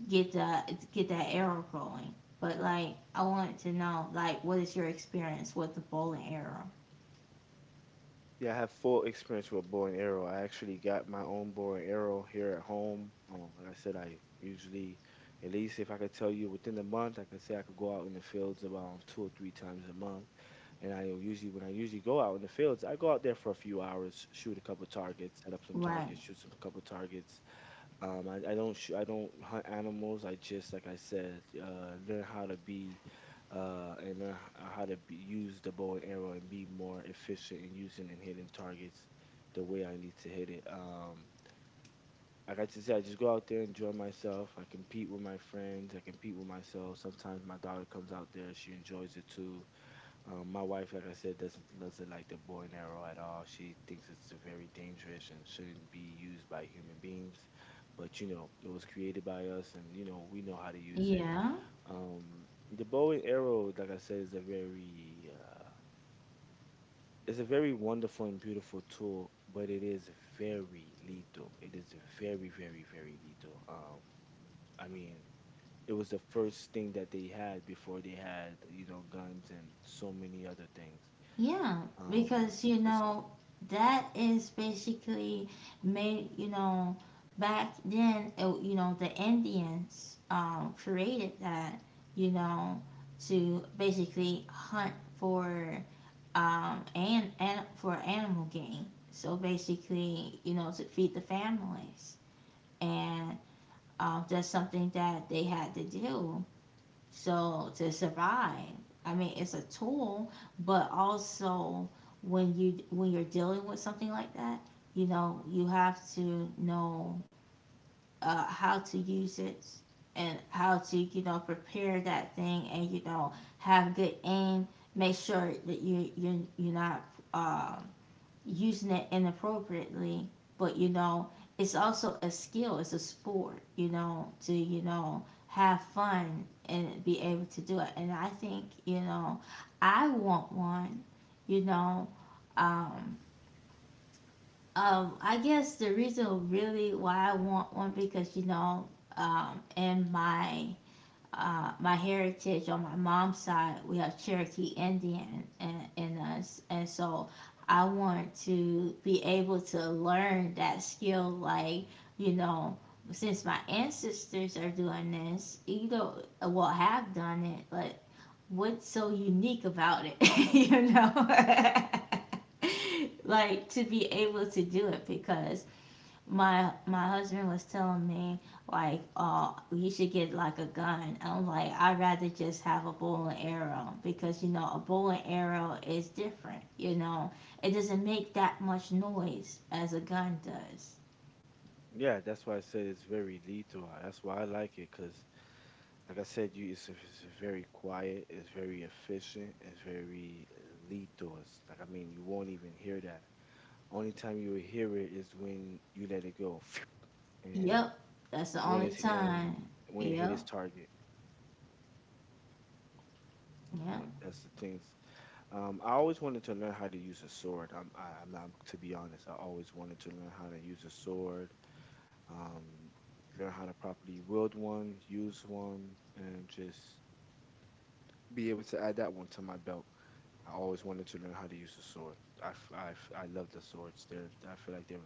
S1: get that arrow going. But like, I wanted to know like, what is your experience with the bow and arrow?
S2: Yeah, I have full experience with bow and arrow. I actually got my own bow and arrow here at home. Like I said, I usually, at least if I could tell you within the month, I could say I could go out in the fields about two or three times a month. And I usually, when I usually go out in the fields, I go out there for a few hours, shoot a couple targets, set up some
S1: Right.
S2: targets, shoot some couple targets. I don't I don't hunt animals. I just like I said, learn how to be, and learn how to be, use the bow and arrow and be more efficient in using and hitting targets the way I need to hit it. Like I just said, I just go out there, enjoy myself. I compete with my friends. I compete with myself. Sometimes my daughter comes out there; she enjoys it too. My wife, like I said, doesn't like the bow and arrow at all. She thinks it's very dangerous and shouldn't be used by human beings. But you know, it was created by us, and you know, we know how to use it.
S1: Yeah.
S2: The bow and arrow, like I said, is a very it's a very wonderful and beautiful tool, but it is very lethal. It is very, very, very lethal. I mean, it was the first thing that they had before they had, you know, guns and so many other things.
S1: Yeah.
S2: Um,
S1: Because you
S2: it's c-
S1: know that is basically made. You know, back then, it, you know, the Indians created that. You know, to basically hunt for and for animal game. So basically, you know, to feed the families and that's something that they had to do so to survive. I mean, it's a tool, but also when you when you're dealing with something like that, you know you have to know how to use it and how to you know prepare that thing and you know have good aim, make sure that you you're not uh, using it inappropriately. But you know, it's also a skill. It's a sport. You know, to you know have fun and be able to do it. And I think you know, I want one. You know, um, I guess the reason really why I want one because you know, in my my heritage on my mom's side, we have Cherokee Indian in us. And so I want to be able to learn that skill, like, you know, since my ancestors are doing this, you know, well, have done it, like, what's so unique about it, *laughs* you know? *laughs* Like, to be able to do it because my husband was telling me like oh you should get like a gun, I'm like I'd rather just have a bow and arrow because you know a bow and arrow is different, you know, it doesn't make that much noise as a gun does.
S2: yeah, that's why I said it's very lethal. That's why I like it because, like I said, you it's very quiet, it's very efficient, it's very lethal. It's like I mean, you won't even hear that. Only time you will hear it is when you let it go, *laughs* *sniffs* and
S1: Yep, that's the
S2: when
S1: only
S2: it's
S1: time.
S2: and when it hit
S1: Yep,
S2: its target.
S1: yep,
S2: That's the things. I always wanted to learn how to use a sword. I'm not to be honest. I always wanted to learn how to use a sword, um, learn how to properly wield one, use one, and just be able to add that one to my belt. I always wanted to learn how to use the sword. I love the swords. They're I feel like they're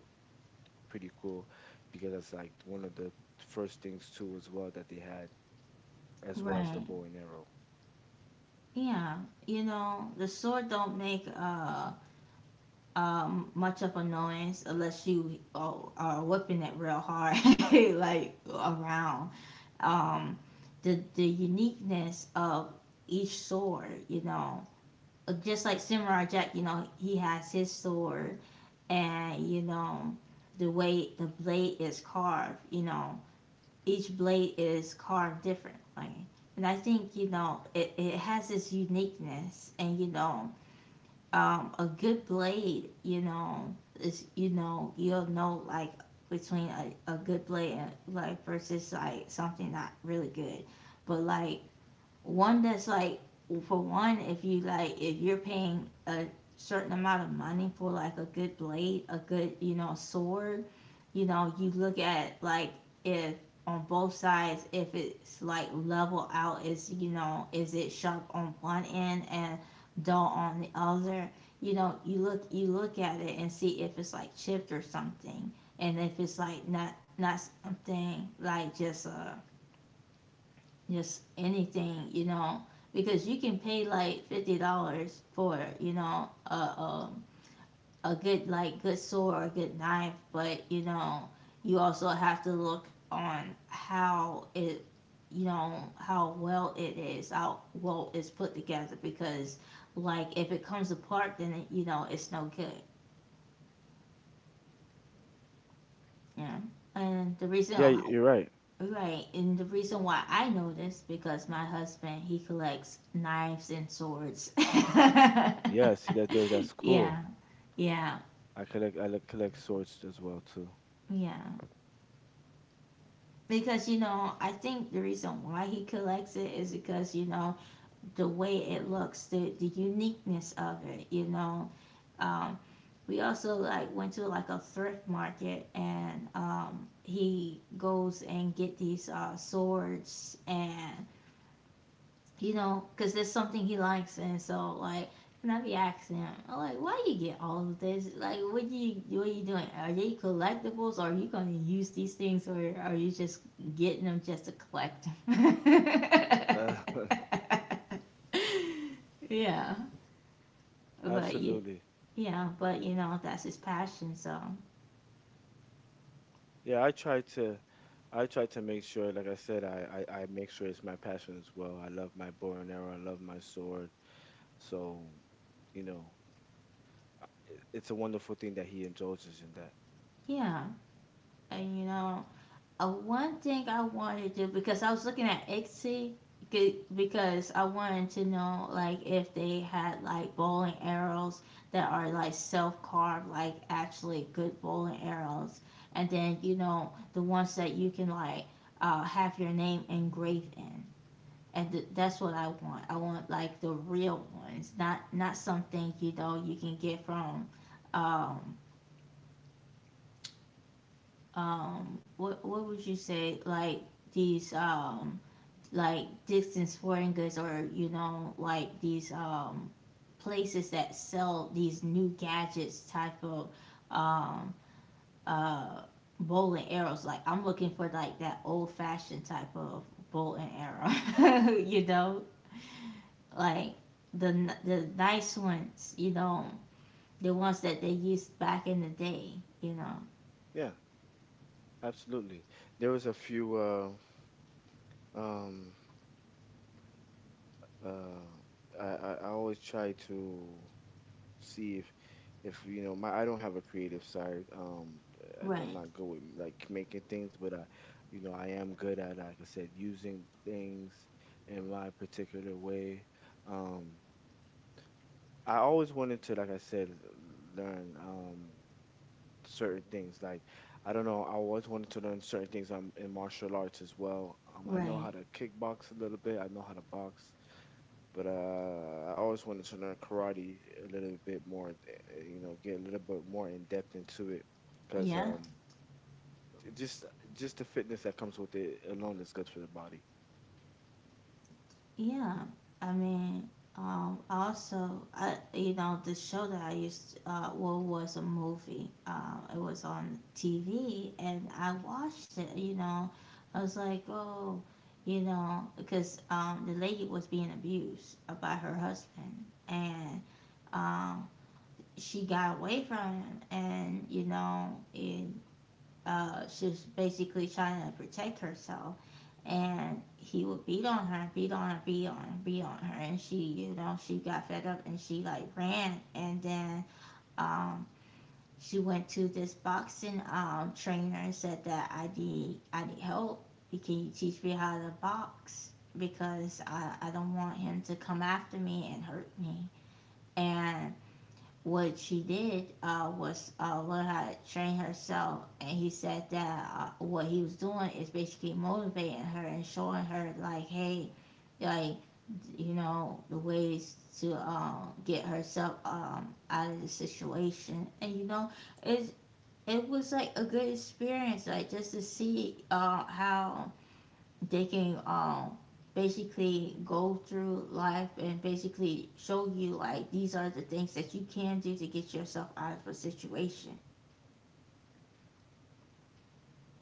S2: pretty cool because that's like one of the first things too as well that they had as well as the
S1: right,
S2: bow and arrow.
S1: yeah. You know the sword don't make much of a noise unless you are whipping it real hard *laughs* like around, um, the uniqueness of each sword. You know, just like Samurai Jack, you know, he has his sword, and you know, the way the blade is carved. You know, each blade is carved differently, and I think you know it has this uniqueness, and you know, a good blade, you know, is you know you'll know like between a good blade and like versus like something not really good, but like one that's like for one if you like if you're paying a certain amount of money for like a good blade, a good you know sword. You know, you look at like, if on both sides, if it's like level out, is you know is it sharp on one end and dull on the other. You know, you look at it and see if it's like chipped or something, and if it's like not something, like just a just anything, you know, because you can pay like $50 for, you know, a a good, like good sword or a good knife. But you know, you also have to look on how it, you know, how well it is, how well it's put together, because like if it comes apart, then it's no good, you know. And the reason.
S2: Yeah, you're right.
S1: Right, and the reason why I know this because my husband, he collects knives and swords. *laughs*
S2: Yeah, see that there. That's cool.
S1: Yeah, yeah,
S2: I collect collect swords as well too.
S1: yeah. Because you know, I think the reason why he collects it is because, you know, the way it looks, the uniqueness of it. You know, um, we also like went to like a thrift market, and he goes and get these swords, and you know, because there's something he likes, and so like, and I be asking him, I'm like, "Why you get all of this? Like, what you doing? Are they collectibles? Or are you gonna use these things, or are you just getting them just to collect 'em?" *laughs*
S2: Uh,
S1: Yeah,
S2: *laughs*
S1: but you,
S2: absolutely.
S1: yeah, but you know, that's his passion. So
S2: Yeah, I try to make sure, like I said, I make sure it's my passion as well. I love my bow and arrow. I love my sword. So, you know, it's a wonderful thing that he indulges in that.
S1: yeah, and you know, one thing I wanted to do because I was looking at Etsy, because I wanted to know like if they had like bowling arrows that are like self carved, like actually good bowling arrows, and then you know the ones that you can like have your name engraved in, and that's what I want. I want like the real ones, not something you know you can get from um what would you say, like these like Dick's Sporting Goods, or you know like these places that sell these new gadgets type of um uh bow and arrows. Like, I'm looking for like that old fashioned type of bow and arrow, *laughs* you know, like the nice ones, you know, the ones that they used back in the day, you know.
S2: Yeah, absolutely. There was a few, um, uh, I always try to. See if you know my I don't have a creative side. I'm
S1: Right,
S2: not good with like making things, but I, you know, I am good at like I said using things in my particular way. Um, I always wanted to, like I said, learn certain things. Like I don't know, I always wanted to learn certain things in martial arts as well. I know
S1: right,
S2: how to kickbox a little bit. I know how to box. But I always wanted to learn karate a little bit more, you know, get a little bit more in depth into it, because
S1: yeah.
S2: just just the fitness that comes with it alone is good for the body.
S1: Yeah, I mean, also, I you know the show that I used well was a movie. It was on TV, and I watched it. You know, I was like, oh, you know, because the lady was being abused by her husband, and um, she got away from him, and you know, and she was basically trying to protect herself, and he would beat on her, beat on her, beat on her, beat on her, and she, you know, she got fed up and she like ran, and then um, she went to this boxing trainer and said that I need help. Can you teach me how to box? Because I don't want him to come after me and hurt me. And what she did was learn how to train herself. And he said that what he was doing is basically motivating her and showing her, like, hey, like, you know, the ways to get herself out of the situation. And, you know, it, it was like a good experience, like, just to see how they can basically go through life and basically show you like these are the things that you can do to get yourself out of a situation.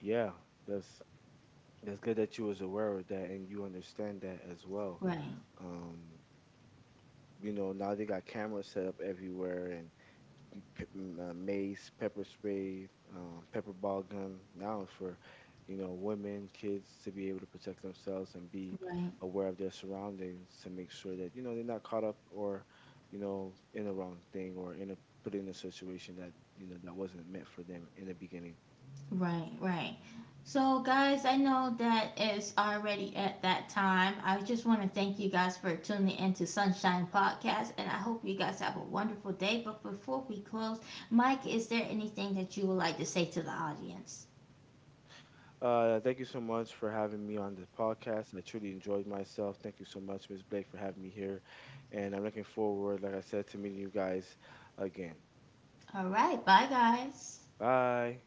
S2: Yeah, that's that's good that you was aware of that and you understand that as well.
S1: Right,
S2: Um, you know, now they got cameras set up everywhere, pe- mace, pepper spray, pepper ball gun. Now it's for, you know, women, kids to be able to protect themselves and be
S1: right,
S2: aware of their surroundings to make sure that you know they're not caught up or, you know, in the wrong thing or in a put in a situation that you know that wasn't meant for them in the beginning.
S1: right, right. So, guys, I know that it's already at that time. I just want to thank you guys for tuning in to Sunshine Podcast, and I hope you guys have a wonderful day. But before we close, Mike, is there anything that you would like to say to the audience?
S2: Thank you so much for having me on the podcast. I truly enjoyed myself. Thank you so much, Miss Blake, for having me here, and I'm looking forward, like I said, to meeting you guys again.
S1: All right, bye, guys.
S2: Bye.